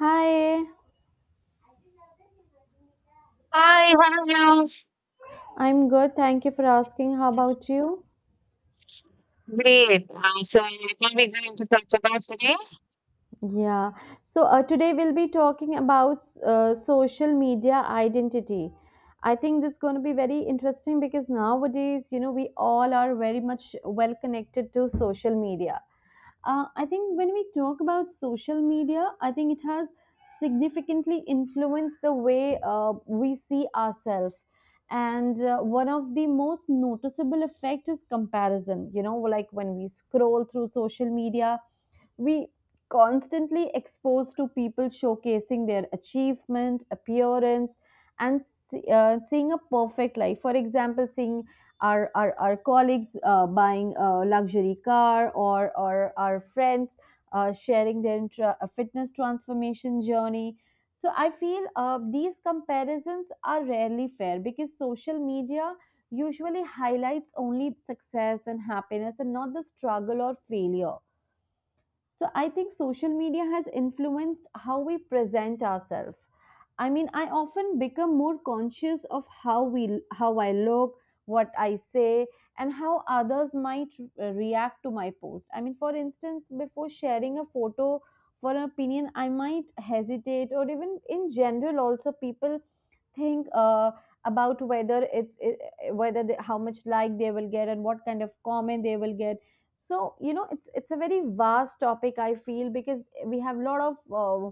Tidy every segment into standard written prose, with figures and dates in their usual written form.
Hi, Hi, hello. I'm good. Thank you for asking. How about you? Great. What are we going to talk about today? Yeah. So, today we'll be talking about social media identity. I think this is going to be very interesting because nowadays, you know, we all are very much well connected to social media. I think when we talk about social media, I think it has significantly influenced the way we see ourselves. And one of the most noticeable effect is comparison. You know, like when we scroll through social media, we constantly exposed to people showcasing their achievement appearance and seeing a perfect life, for example seeing our colleagues buying a luxury car or our friends sharing their fitness transformation journey. So I feel these comparisons are rarely fair because social media usually highlights only success and happiness and not the struggle or failure. So I think social media has influenced how we present ourselves. I mean, I often become more conscious of how I look, what I say, and how others might react to my post. I mean, for instance, before sharing a photo for an opinion, I might hesitate, or even in general, also people think about whether it's it, eh, whether they, how much like they will get and what kind of comment they will get. So you know, it's a very vast topic I feel because we have a lot of uh,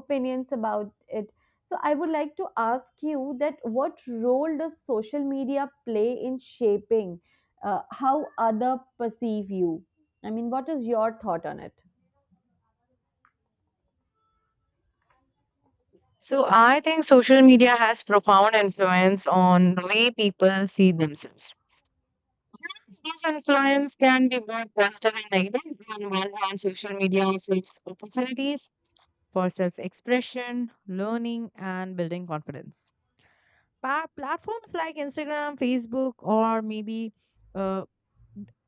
opinions about it. So I would like to ask you that what role does social media play in shaping how other perceive you? I mean, what is your thought on it? So, I think social media has profound influence on the way people see themselves. This influence can be both positive and negative. On one hand, social media offers opportunities for self expression, learning, and building confidence. Platforms like Instagram, Facebook, or maybe uh,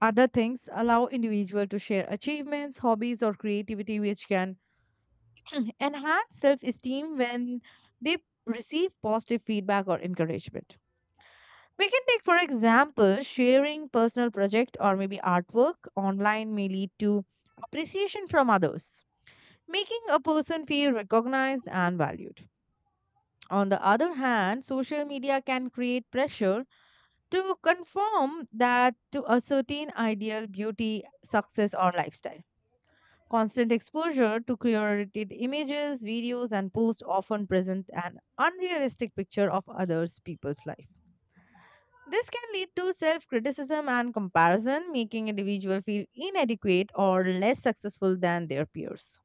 other things allow individual to share achievements, hobbies, or creativity, which can enhance self esteem when they receive positive feedback or encouragement. We can take, for example, sharing personal project or maybe artwork online may lead to appreciation from others, making a person feel recognized and valued. On the other hand, social media can create pressure to conform that to a certain ideal beauty, success, or lifestyle. Constant exposure to curated images, videos, and posts often present an unrealistic picture of others' people's life. This can lead to self criticism and comparison, making individuals feel inadequate or less successful than their peers.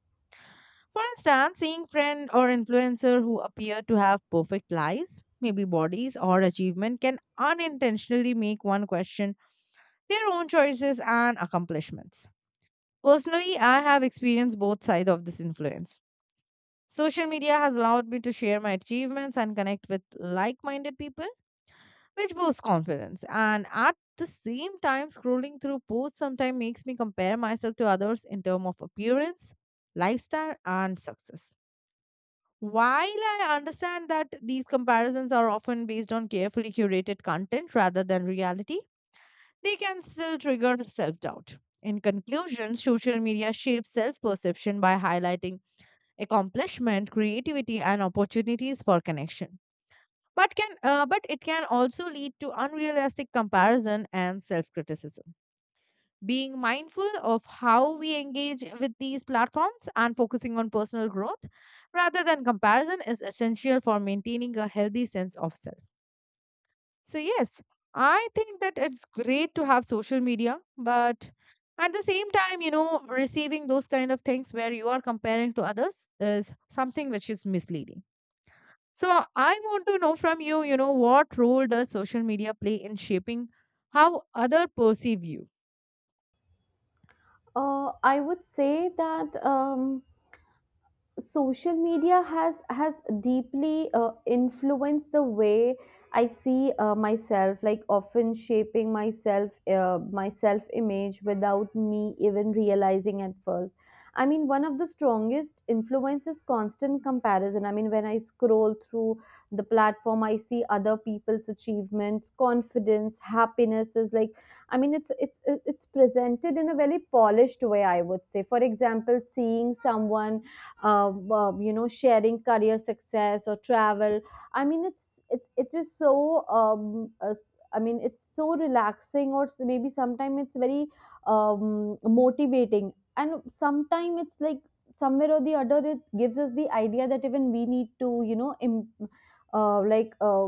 For instance, seeing friend or influencer who appear to have perfect lives, maybe bodies or achievement can unintentionally make one question their own choices and accomplishments. Personally, I have experienced both sides of this influence. Social media has allowed me to share my achievements and connect with like minded people, which boosts confidence. And at the same time, scrolling through posts sometimes makes me compare myself to others in terms of appearance, lifestyle, and success. While I understand that these comparisons are often based on carefully curated content rather than reality, they can still trigger self doubt. In conclusion, social media shapes self perception by highlighting accomplishment, creativity, and opportunities for connection. But it can also lead to unrealistic comparison and self-criticism. Being mindful of how we engage with these platforms and focusing on personal growth rather than comparison is essential for maintaining a healthy sense of self. So yes, I think that it's great to have social media, but at the same time, you know, receiving those kind of things where you are comparing to others is something which is misleading. So I want to know from you, you know, what role does social media play in shaping how other perceive you? I would say that social media has deeply influenced the way I see myself, like often shaping myself, my self image, without me even realizing at first. I mean, one of the strongest influence is constant comparison. I mean, when I scroll through the platform, I see other people's achievements, confidence, happiness is like, I mean, it's presented in a very polished way. I would say, for example, seeing someone you know, sharing career success or travel, I mean it is so I mean it's so relaxing, or maybe sometimes it's very motivating, and sometimes it's like somewhere or the other it gives us the idea that even we need to, you know, uh, like uh,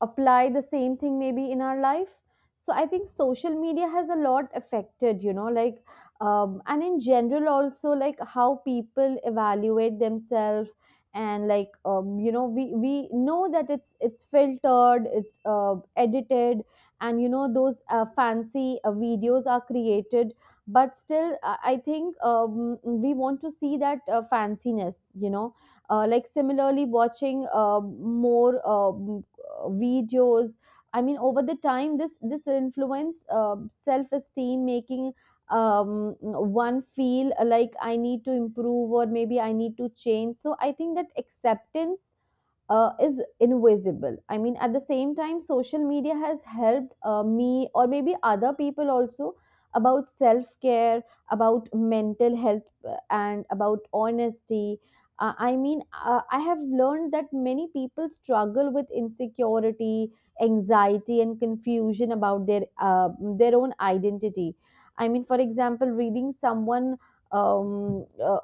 apply the same thing maybe in our life. So I think social media has a lot affected, you know, like and in general also like how people evaluate themselves. And like, you know, we know that it's filtered, it's edited, and you know those fancy videos are created, but still I think we want to see that fanciness, you know, like similarly watching more videos. I mean, over the time this influence self esteem, making one feel like I need to improve or maybe I need to change. So I think that acceptance is invisible. I mean, at the same time, social media has helped me or maybe other people also about self care, about mental health, and about honesty. I have learned that many people struggle with insecurity, anxiety, and confusion about their own identity. I mean, for example, reading someone um, uh,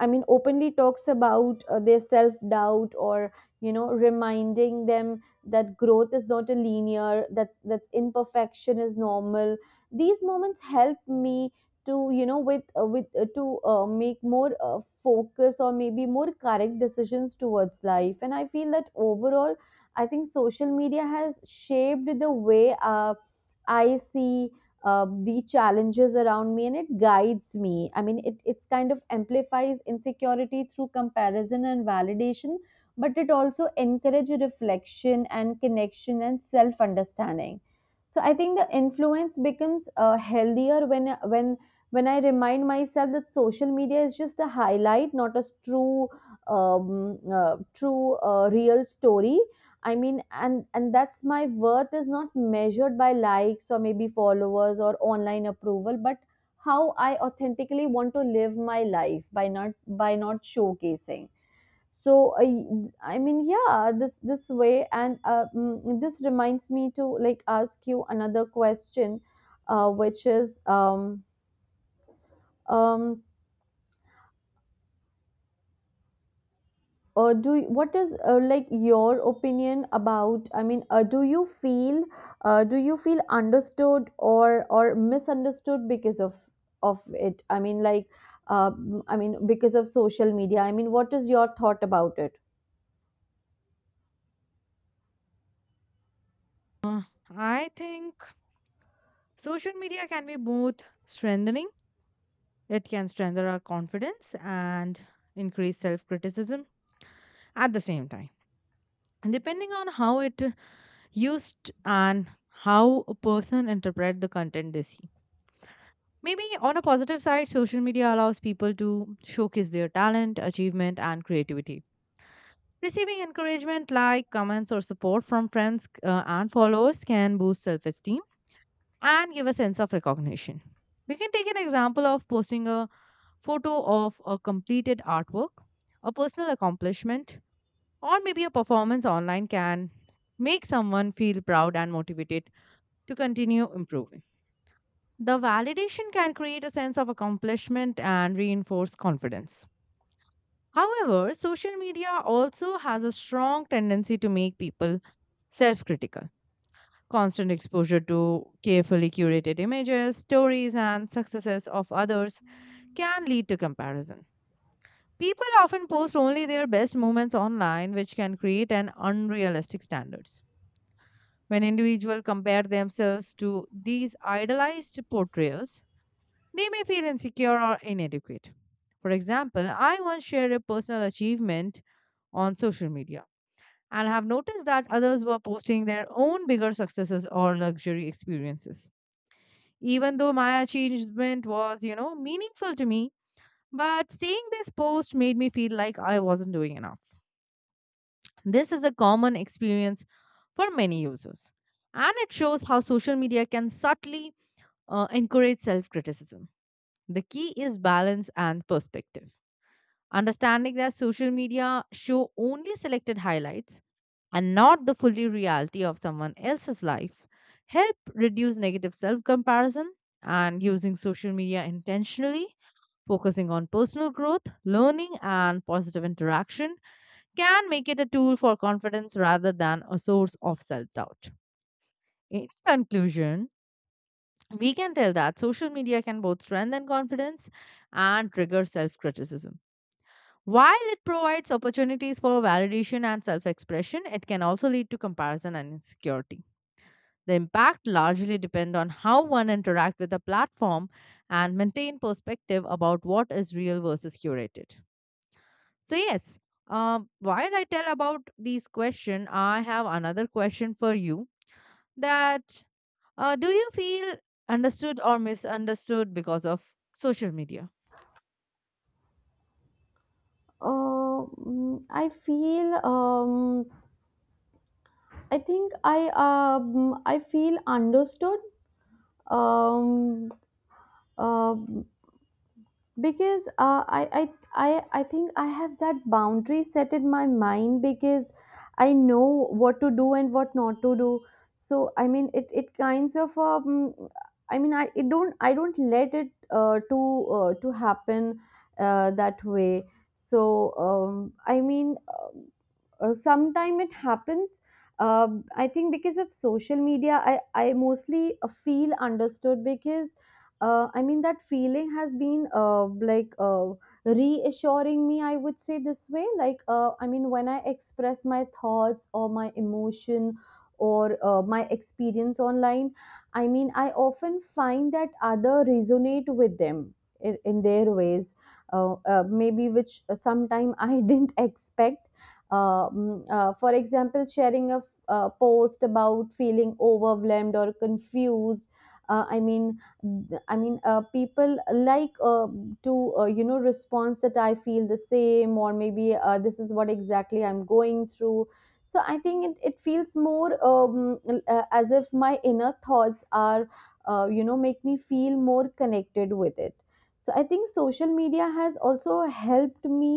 I mean, openly talks about their self doubt, or you know, reminding them that growth is not a linear, that imperfection is normal. These moments help me to, you know, with to make more focus or maybe more correct decisions towards life. And I feel that overall I think social media has shaped the way I see the challenges around me, and it guides me. I mean, it's kind of amplifies insecurity through comparison and validation, but it also encourages reflection and connection and self understanding. So I think the influence becomes healthier when when when I remind myself that social media is just a highlight, not a true real story. I mean, and that's my worth is not measured by likes or maybe followers or online approval, but how I authentically want to live my life by not showcasing. So I mean, yeah, this way. And this reminds me to like ask you another question, which is, um do you- what is, like, your opinion about, I mean, do you feel understood or misunderstood because of it? I mean, like, I mean, because of social media, I mean, what is your thought about it? Uh, I think social media can be both strengthening. It can strengthen our confidence and increase self criticism at the same time. And depending on how it used and how a person interpret the content they see. Maybe on a positive side, social media allows people to showcase their talent, achievement, and creativity. Receiving encouragement like comments or support from friends and followers can boost self esteem and give a sense of recognition. We can take an example of posting a photo of a completed artwork, a personal accomplishment, or maybe a performance online can make someone feel proud and motivated to continue improving. The validation can create a sense of accomplishment and reinforce confidence. However, social media also has a strong tendency to make people self critical. Constant exposure to carefully curated images, stories, and successes of others can lead to comparison. People often post only their best moments online, which can create an unrealistic standards. When individuals compare themselves to these idealized portrayals, they may feel insecure or inadequate. For example, I once shared a personal achievement on social media and have noticed that others were posting their own bigger successes or luxury experiences. Even though my achievement was, you know, meaningful to me, but seeing this post made me feel like I wasn't doing enough. This is a common experience for many users, and it shows how social media can subtly encourage self criticism. The key is balance and perspective. Understanding that social media show only selected highlights and not the fully reality of someone else's life help reduce negative self comparison, and using social media intentionally focusing on personal growth learning and positive interaction can make it a tool for confidence rather than a source of self doubt. In conclusion, we can tell that social media can both strengthen confidence and trigger self criticism. While it provides opportunities for validation and self expression, it can also lead to comparison and insecurity. The impact largely depends on how one interacts with the platform and maintain perspective about what is real versus curated. So yes, while I tell about these question, I have another question for you. That do you feel understood or misunderstood because of social media? I feel I think I feel understood. Um, um, because I I think I have that boundary set in my mind because I know what to do and what not to do. So I mean, it kinds of I mean, I don't let it to happen that way. So I mean, sometime it happens. Um I think because of social media I mostly feel understood because I mean, that feeling has been reassuring me, I would say this way. Like, I mean, when I express my thoughts or my emotion or my experience online, I mean, I often find that other resonate with them in their ways, maybe which sometime I didn't expect. For example, sharing a post about feeling overwhelmed or confused. Uh, I mean, people like to you know, response that I feel the same, or maybe this is what exactly I'm going through. So I think it feels more as if my inner thoughts are you know, make me feel more connected with it. So I think social media has also helped me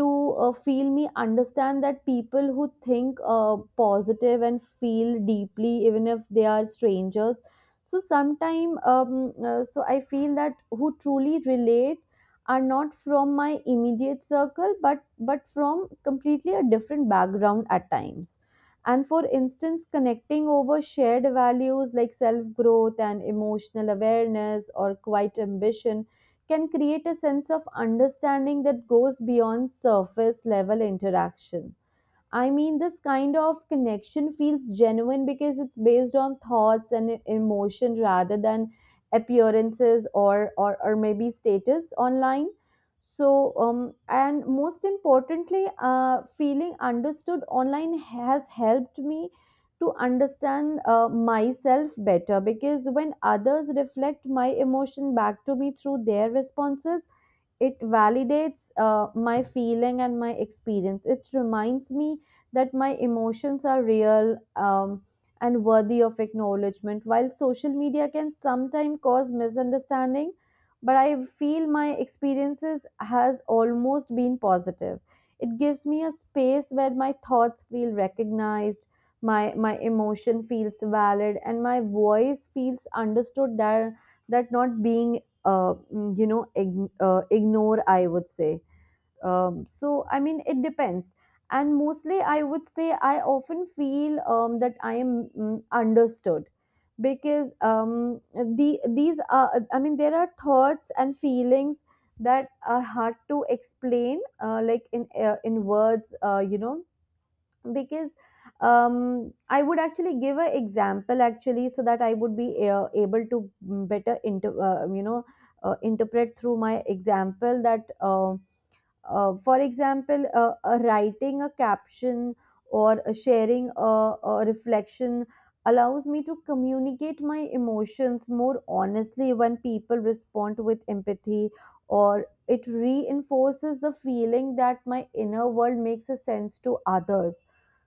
to feel me understand that people who think positive and feel deeply even if they are strangers. So sometime so I feel that who truly relate are not from my immediate circle, but from completely a different background at times. And for instance, connecting over shared values like self growth and emotional awareness or quiet ambition can create a sense of understanding that goes beyond surface level interaction. I mean, this kind of connection feels genuine because it's based on thoughts and emotion rather than appearances, or, maybe status online. So, and most importantly, feeling understood online has helped me to understand myself better, because when others reflect my emotion back to me through their responses, it validates my feeling and my experience. It reminds me that my emotions are real and worthy of acknowledgement. While social media can sometimes cause misunderstanding, but I feel my experiences has almost been positive. It gives me a space where my thoughts feel recognized, my emotion feels valid, and my voice feels understood. That not being you know, ignore, I would say. So I mean, it depends. And mostly I would say I often feel that I am understood because the these are, I mean, there are thoughts and feelings that are hard to explain like in words, you know, because I would actually give an example actually so that I would be able to better you know, interpret through my example that for example, writing a caption or sharing a reflection allows me to communicate my emotions more honestly. When people respond with empathy, or it reinforces the feeling that my inner world makes a sense to others.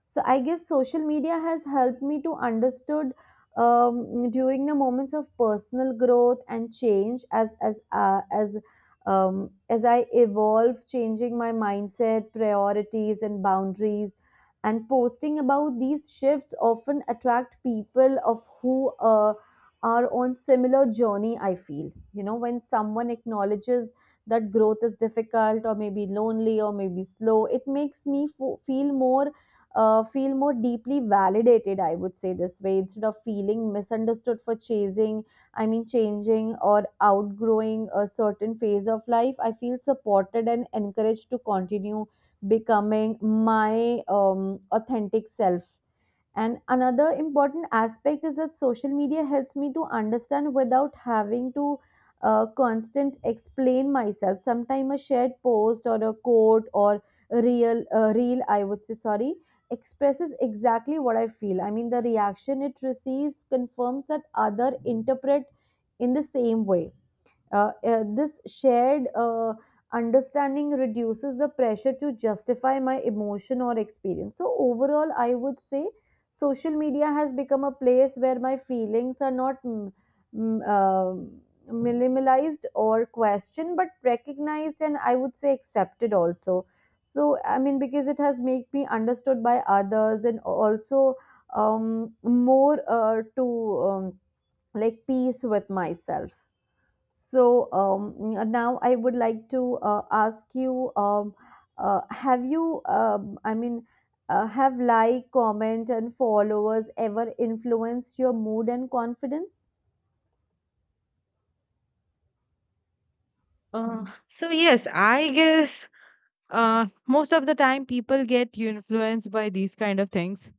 So I guess social media has helped me to understood during the moments of personal growth and change, as as I evolve, changing my mindset, priorities, and boundaries. And posting about these shifts often attract people of who are on similar journey. I feel you know, when someone acknowledges that growth is difficult or maybe lonely or maybe slow, it makes me feel more deeply validated. I would say this way, instead of feeling misunderstood for chasing, I mean, changing or outgrowing a certain phase of life, I feel supported and encouraged to continue becoming my authentic self. And another important aspect is that social media helps me to understand without having to constant explain myself. Sometimes a shared post or a quote or a real reel, I would say, sorry, expresses exactly what I feel. I mean, the reaction it receives confirms that other interpret in the same way. This shared understanding reduces the pressure to justify my emotion or experience. So, overall, I would say social media has become a place where my feelings are not mm, um minimalized or questioned, but recognized and I would say accepted also. So, I mean, because it has made me understood by others and also more to um, like peace with myself. So now I would like to ask you: Have you, I mean, have like, comment, and followers ever influenced your mood and confidence? So yes, I guess Uh, most of the time, people get influenced by these kind of things.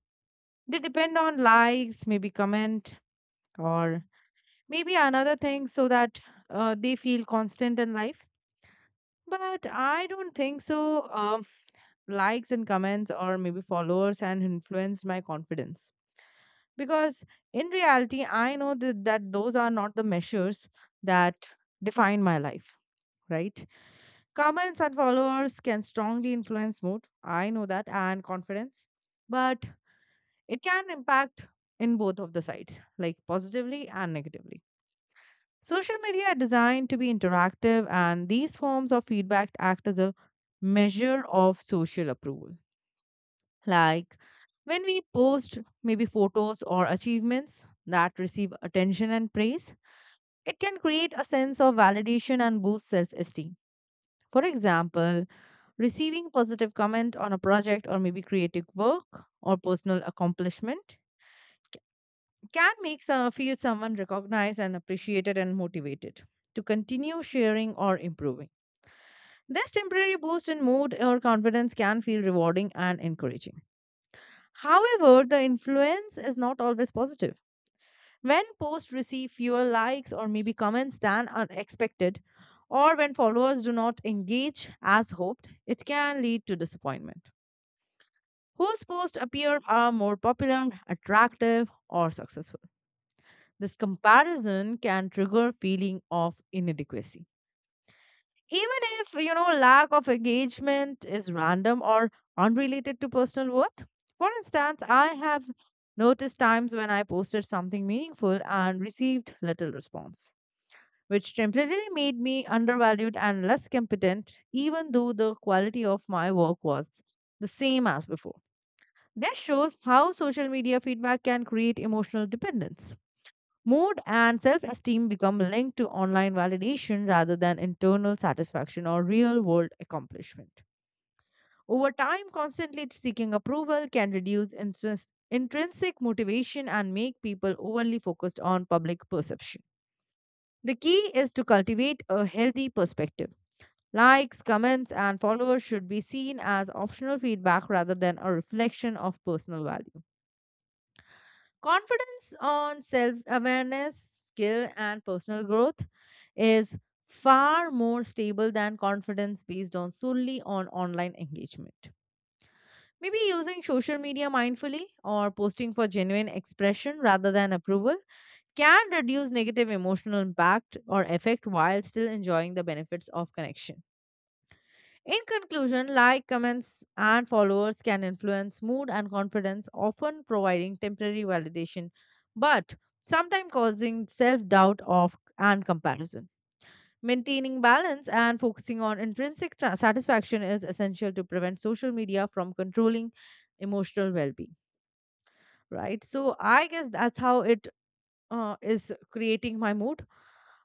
They depend on likes, maybe comment, or maybe another thing so that they feel constant in life. But I don't think so. Likes and comments, or maybe followers, and influenced my confidence. Because in reality, I know that, that those are not the measures that define my life, right? Comments and followers can strongly influence mood. I know that, and confidence. But it can impact in both of the sides, like positively and negatively. Social media are designed to be interactive, and these forms of feedback act as a measure of social approval. Like when we post maybe photos or achievements that receive attention and praise, it can create a sense of validation and boost self esteem. For example, receiving positive comment on a project or maybe creative work or personal accomplishment can make some, feel someone recognized and appreciated and motivated to continue sharing or improving. This temporary boost in mood or confidence can feel rewarding and encouraging. However, the influence is not always positive. When posts receive fewer likes or maybe comments than are expected, or when followers do not engage as hoped, it can lead to disappointment. Whose posts appear are more popular, attractive, or successful? This comparison can trigger feeling of inadequacy. Even if, you know, lack of engagement is random or unrelated to personal worth. For instance, I have noticed times when I posted something meaningful and received little response, which temporarily made me undervalued and less competent, even though the quality of my work was the same as before. This shows how social media feedback can create emotional dependence. Mood and self esteem become linked to online validation rather than internal satisfaction or real world accomplishment. Over time, constantly seeking approval can reduce interest, intrinsic motivation and make people overly focused on public perception. The key is to cultivate a healthy perspective. Likes, comments, and followers should be seen as optional feedback rather than a reflection of personal value. Confidence on self awareness, skill, and personal growth is far more stable than confidence based on solely on online engagement. Maybe using social media mindfully or posting for genuine expression rather than approval can reduce negative emotional impact or effect while still enjoying the benefits of connection. In conclusion, like, comments, and followers can influence mood and confidence, often providing temporary validation, but sometimes causing self doubt of and comparison. Maintaining balance and focusing on intrinsic satisfaction is essential to prevent social media from controlling emotional well being. Right? So, I guess that's how it is creating my mood.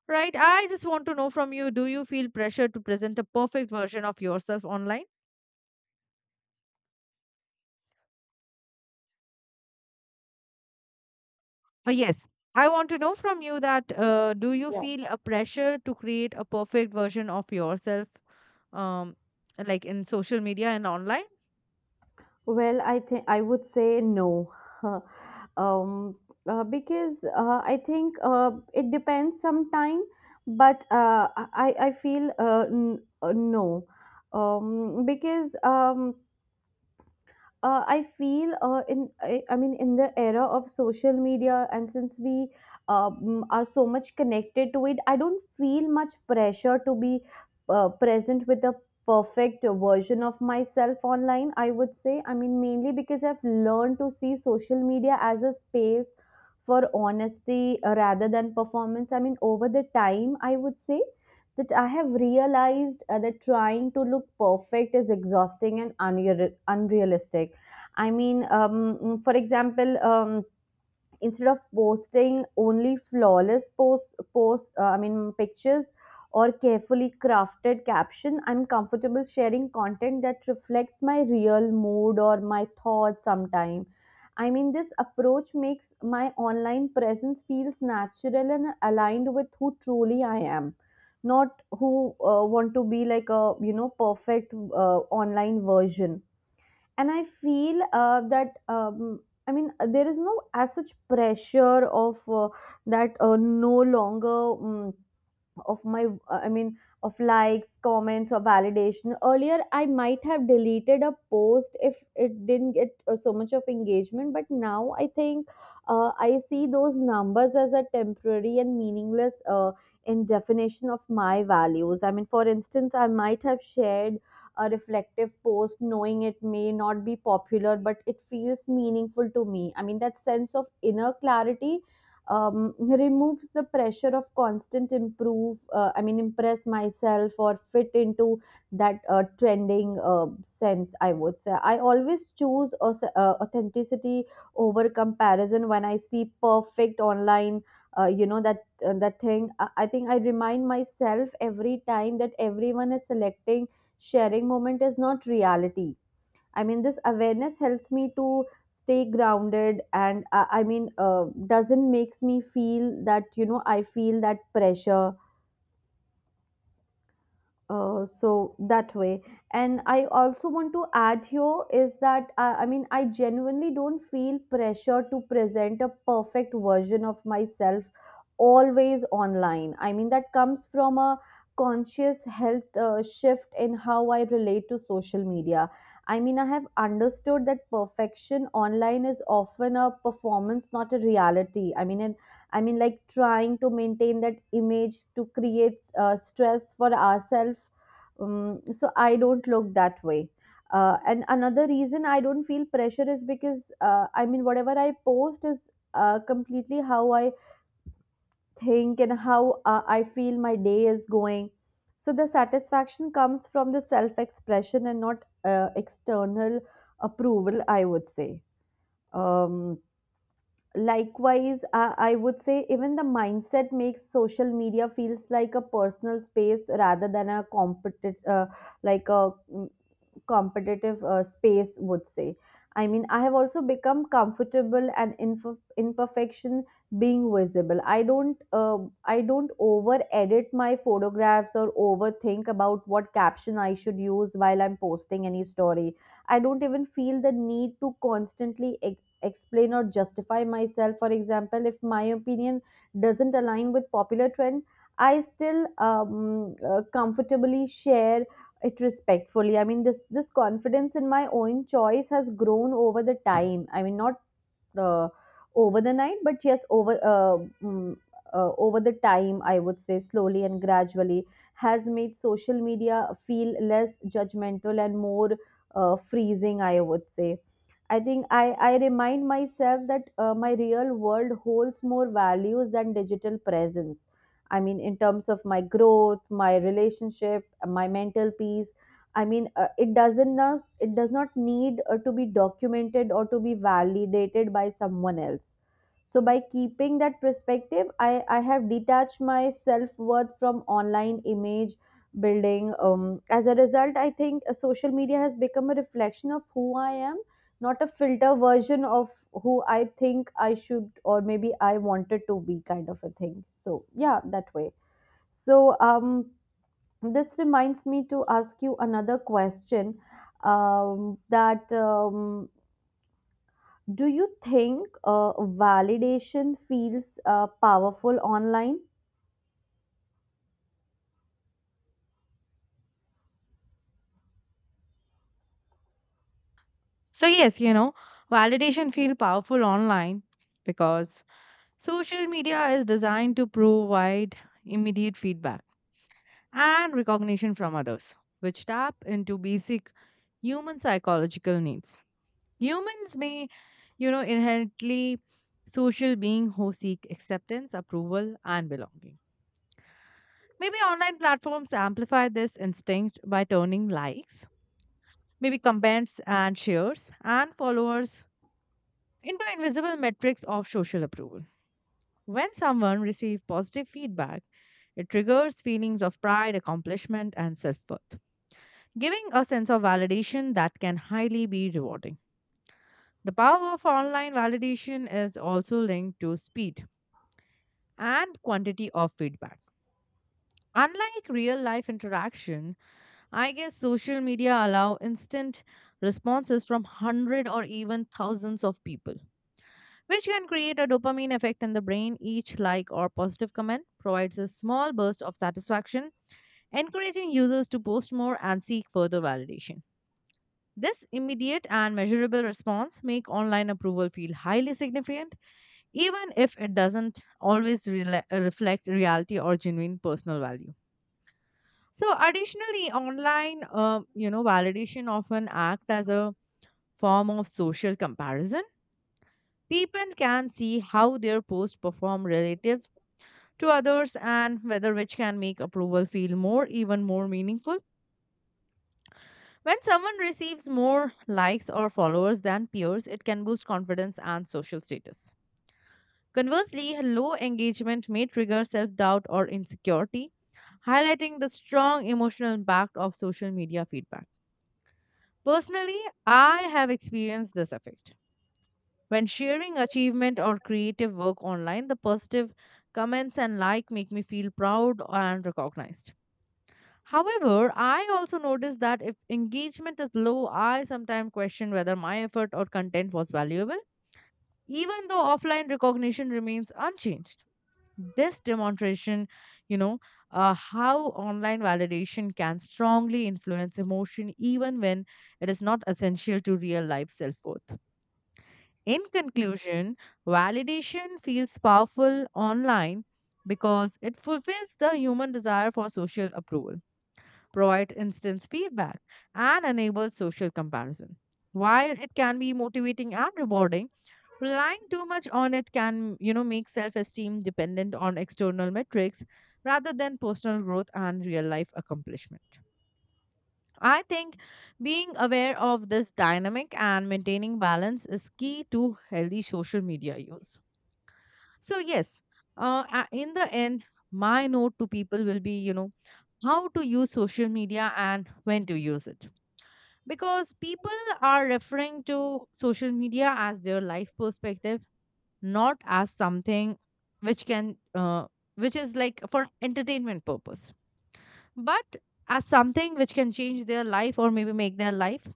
Right? I just want to know from you, do you feel pressure to present a perfect version of yourself online? Yes, I want to know from you that do you Yeah. feel a pressure to create a perfect version of yourself, um, like in social media and online? Well, I think I would say no, um, because I think it depends sometime, but I feel no, because I feel I mean in the era of social media and since we are so much connected to it, I don't feel much pressure to be present with the perfect version of myself online. I would say, I mean mainly because I've learned to see social media as a space for honesty rather than performance. I mean over the time, I would say that I have realized that trying to look perfect is exhausting and unrealistic. I mean, for example, instead of posting only flawless posts, I mean, pictures or carefully crafted caption, I'm comfortable sharing content that reflects my real mood or my thoughts sometime. I mean, this approach makes my online presence feels natural and aligned with who truly I am, not who want to be like a, you know, perfect online version. And I feel that I mean there is no as such pressure of that no longer um, of my I mean of likes, comments, or validation. Earlier I might have deleted a post if it didn't get so much of engagement, but now I think I see those numbers as a temporary and meaningless in definition of my values. I mean for instance, I might have shared a reflective post knowing it may not be popular, but it feels meaningful to me. I mean that sense of inner clarity um, removes the pressure of constant improve I mean impress myself or fit into that trending sense. I would say I always choose authenticity over comparison. When I see perfect online you know that that thing, I think I remind myself every time that everyone is selecting sharing moment, is not reality. I mean, this awareness helps me to stay grounded and I mean, doesn't makes me feel that, you know, I feel that pressure so that way. And I also want to add here is that I mean I genuinely don't feel pressure to present a perfect version of myself always online. I mean that comes from a conscious health shift in how I relate to social media. I mean I have understood that perfection online is often a performance, not a reality. I mean it, I mean, like trying to maintain that image to create stress for ourselves. So I don't look that way. And another reason I don't feel pressure is because I mean, whatever I post is completely how I think and how I feel my day is going. So the satisfaction comes from the self expression and not external approval, I would say. Um, likewise, I would say even the mindset makes social media feels like a personal space rather than a competitive like a competitive space, would say. I mean I have also become comfortable and imperfection being visible. I don't I don't over edit my photographs or overthink about what caption I should use while I'm posting any story. I don't even feel the need to constantly explain or justify myself. For example, if my opinion doesn't align with popular trend, I still comfortably share it respectfully. I mean this confidence in my own choice has grown over the time. I mean not uh, over the night, but yes over mm, over the time, I would say slowly and gradually, has made social media feel less judgmental and more freezing, I would say. I think i i remind myself that my real world holds more values than digital presence. I mean in terms of my growth, my relationship, my mental peace. I mean, it does not need to be documented or to be validated by someone else. So by keeping that perspective, I have detached my self worth from online image building. As a result, I think social media has become a reflection of who I am, not a filter version of who I think I should or maybe I wanted to be, kind of a thing. So yeah, that way. So this reminds me to ask you another question that do you think validation feels powerful online? So yes, you know, validation feel powerful online because social media is designed to provide immediate feedback and recognition from others, which tap into basic human psychological needs. Humans may, you know, inherently social being who seek acceptance, approval, and belonging. Maybe online platforms amplify this instinct by turning likes, maybe comments and shares and followers into invisible metrics of social approval. When someone receives positive feedback, it triggers feelings of pride, accomplishment, and self worth giving a sense of validation that can highly be rewarding. The power of online validation is also linked to speed and quantity of feedback. Unlike real life interaction, I guess social media allow instant responses from hundred or even thousands of people, which can create a dopamine effect in the brain. Each like or positive comment provides a small burst of satisfaction, encouraging users to post more and seek further validation. This immediate and measurable response make online approval feel highly significant, even if it doesn't always reflect reality or genuine personal value. So, additionally, online, you know, validation often act as a form of social comparison. People can see how their post perform relative to others, and whether which can make approval feel more, even more meaningful. When someone receives more likes or followers than peers, it can boost confidence and social status. Conversely, low engagement may trigger self doubt or insecurity, highlighting the strong emotional impact of social media feedback. Personally, I have experienced this effect. When sharing achievement or creative work online, the positive comments and like make me feel proud and recognized. However, I also noticed that if engagement is low, I sometimes question whether my effort or content was valuable, even though offline recognition remains unchanged. This demonstration, you know, how online validation can strongly influence emotion even when it is not essential to real life self worth. In conclusion, validation feels powerful online because it fulfills the human desire for social approval, provide instant feedback, and enable social comparison. While it can be motivating and rewarding, relying too much on it can, you know, make self-esteem dependent on external metrics rather than personal growth and real-life accomplishment. I think being aware of this dynamic and maintaining balance is key to healthy social media use. So yes, in the end, my note to people will be, you know, how to use social media and when to use it, because people are referring to social media as their life perspective, not as something which can which is like for entertainment purpose, but as something which can change their life or maybe make their life.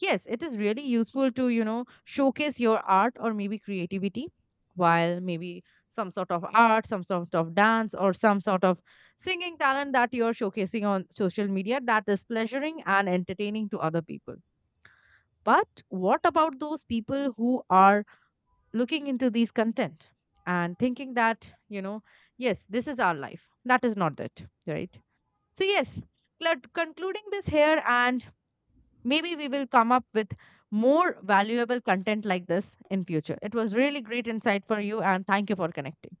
Yes, it is really useful to, you know, showcase your art or maybe creativity, while maybe some sort of art, some sort of dance, or some sort of singing talent that you're showcasing on social media that is pleasuring and entertaining to other people. But what about those people who are looking into these content and thinking that, you know, yes, this is our life. That is not it, right? So, yes, concluding this here, and maybe we will come up with more valuable content like this in future. It was really great insight for you, and thank you for connecting.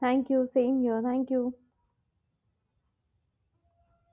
Thank you. Same here. Thank you.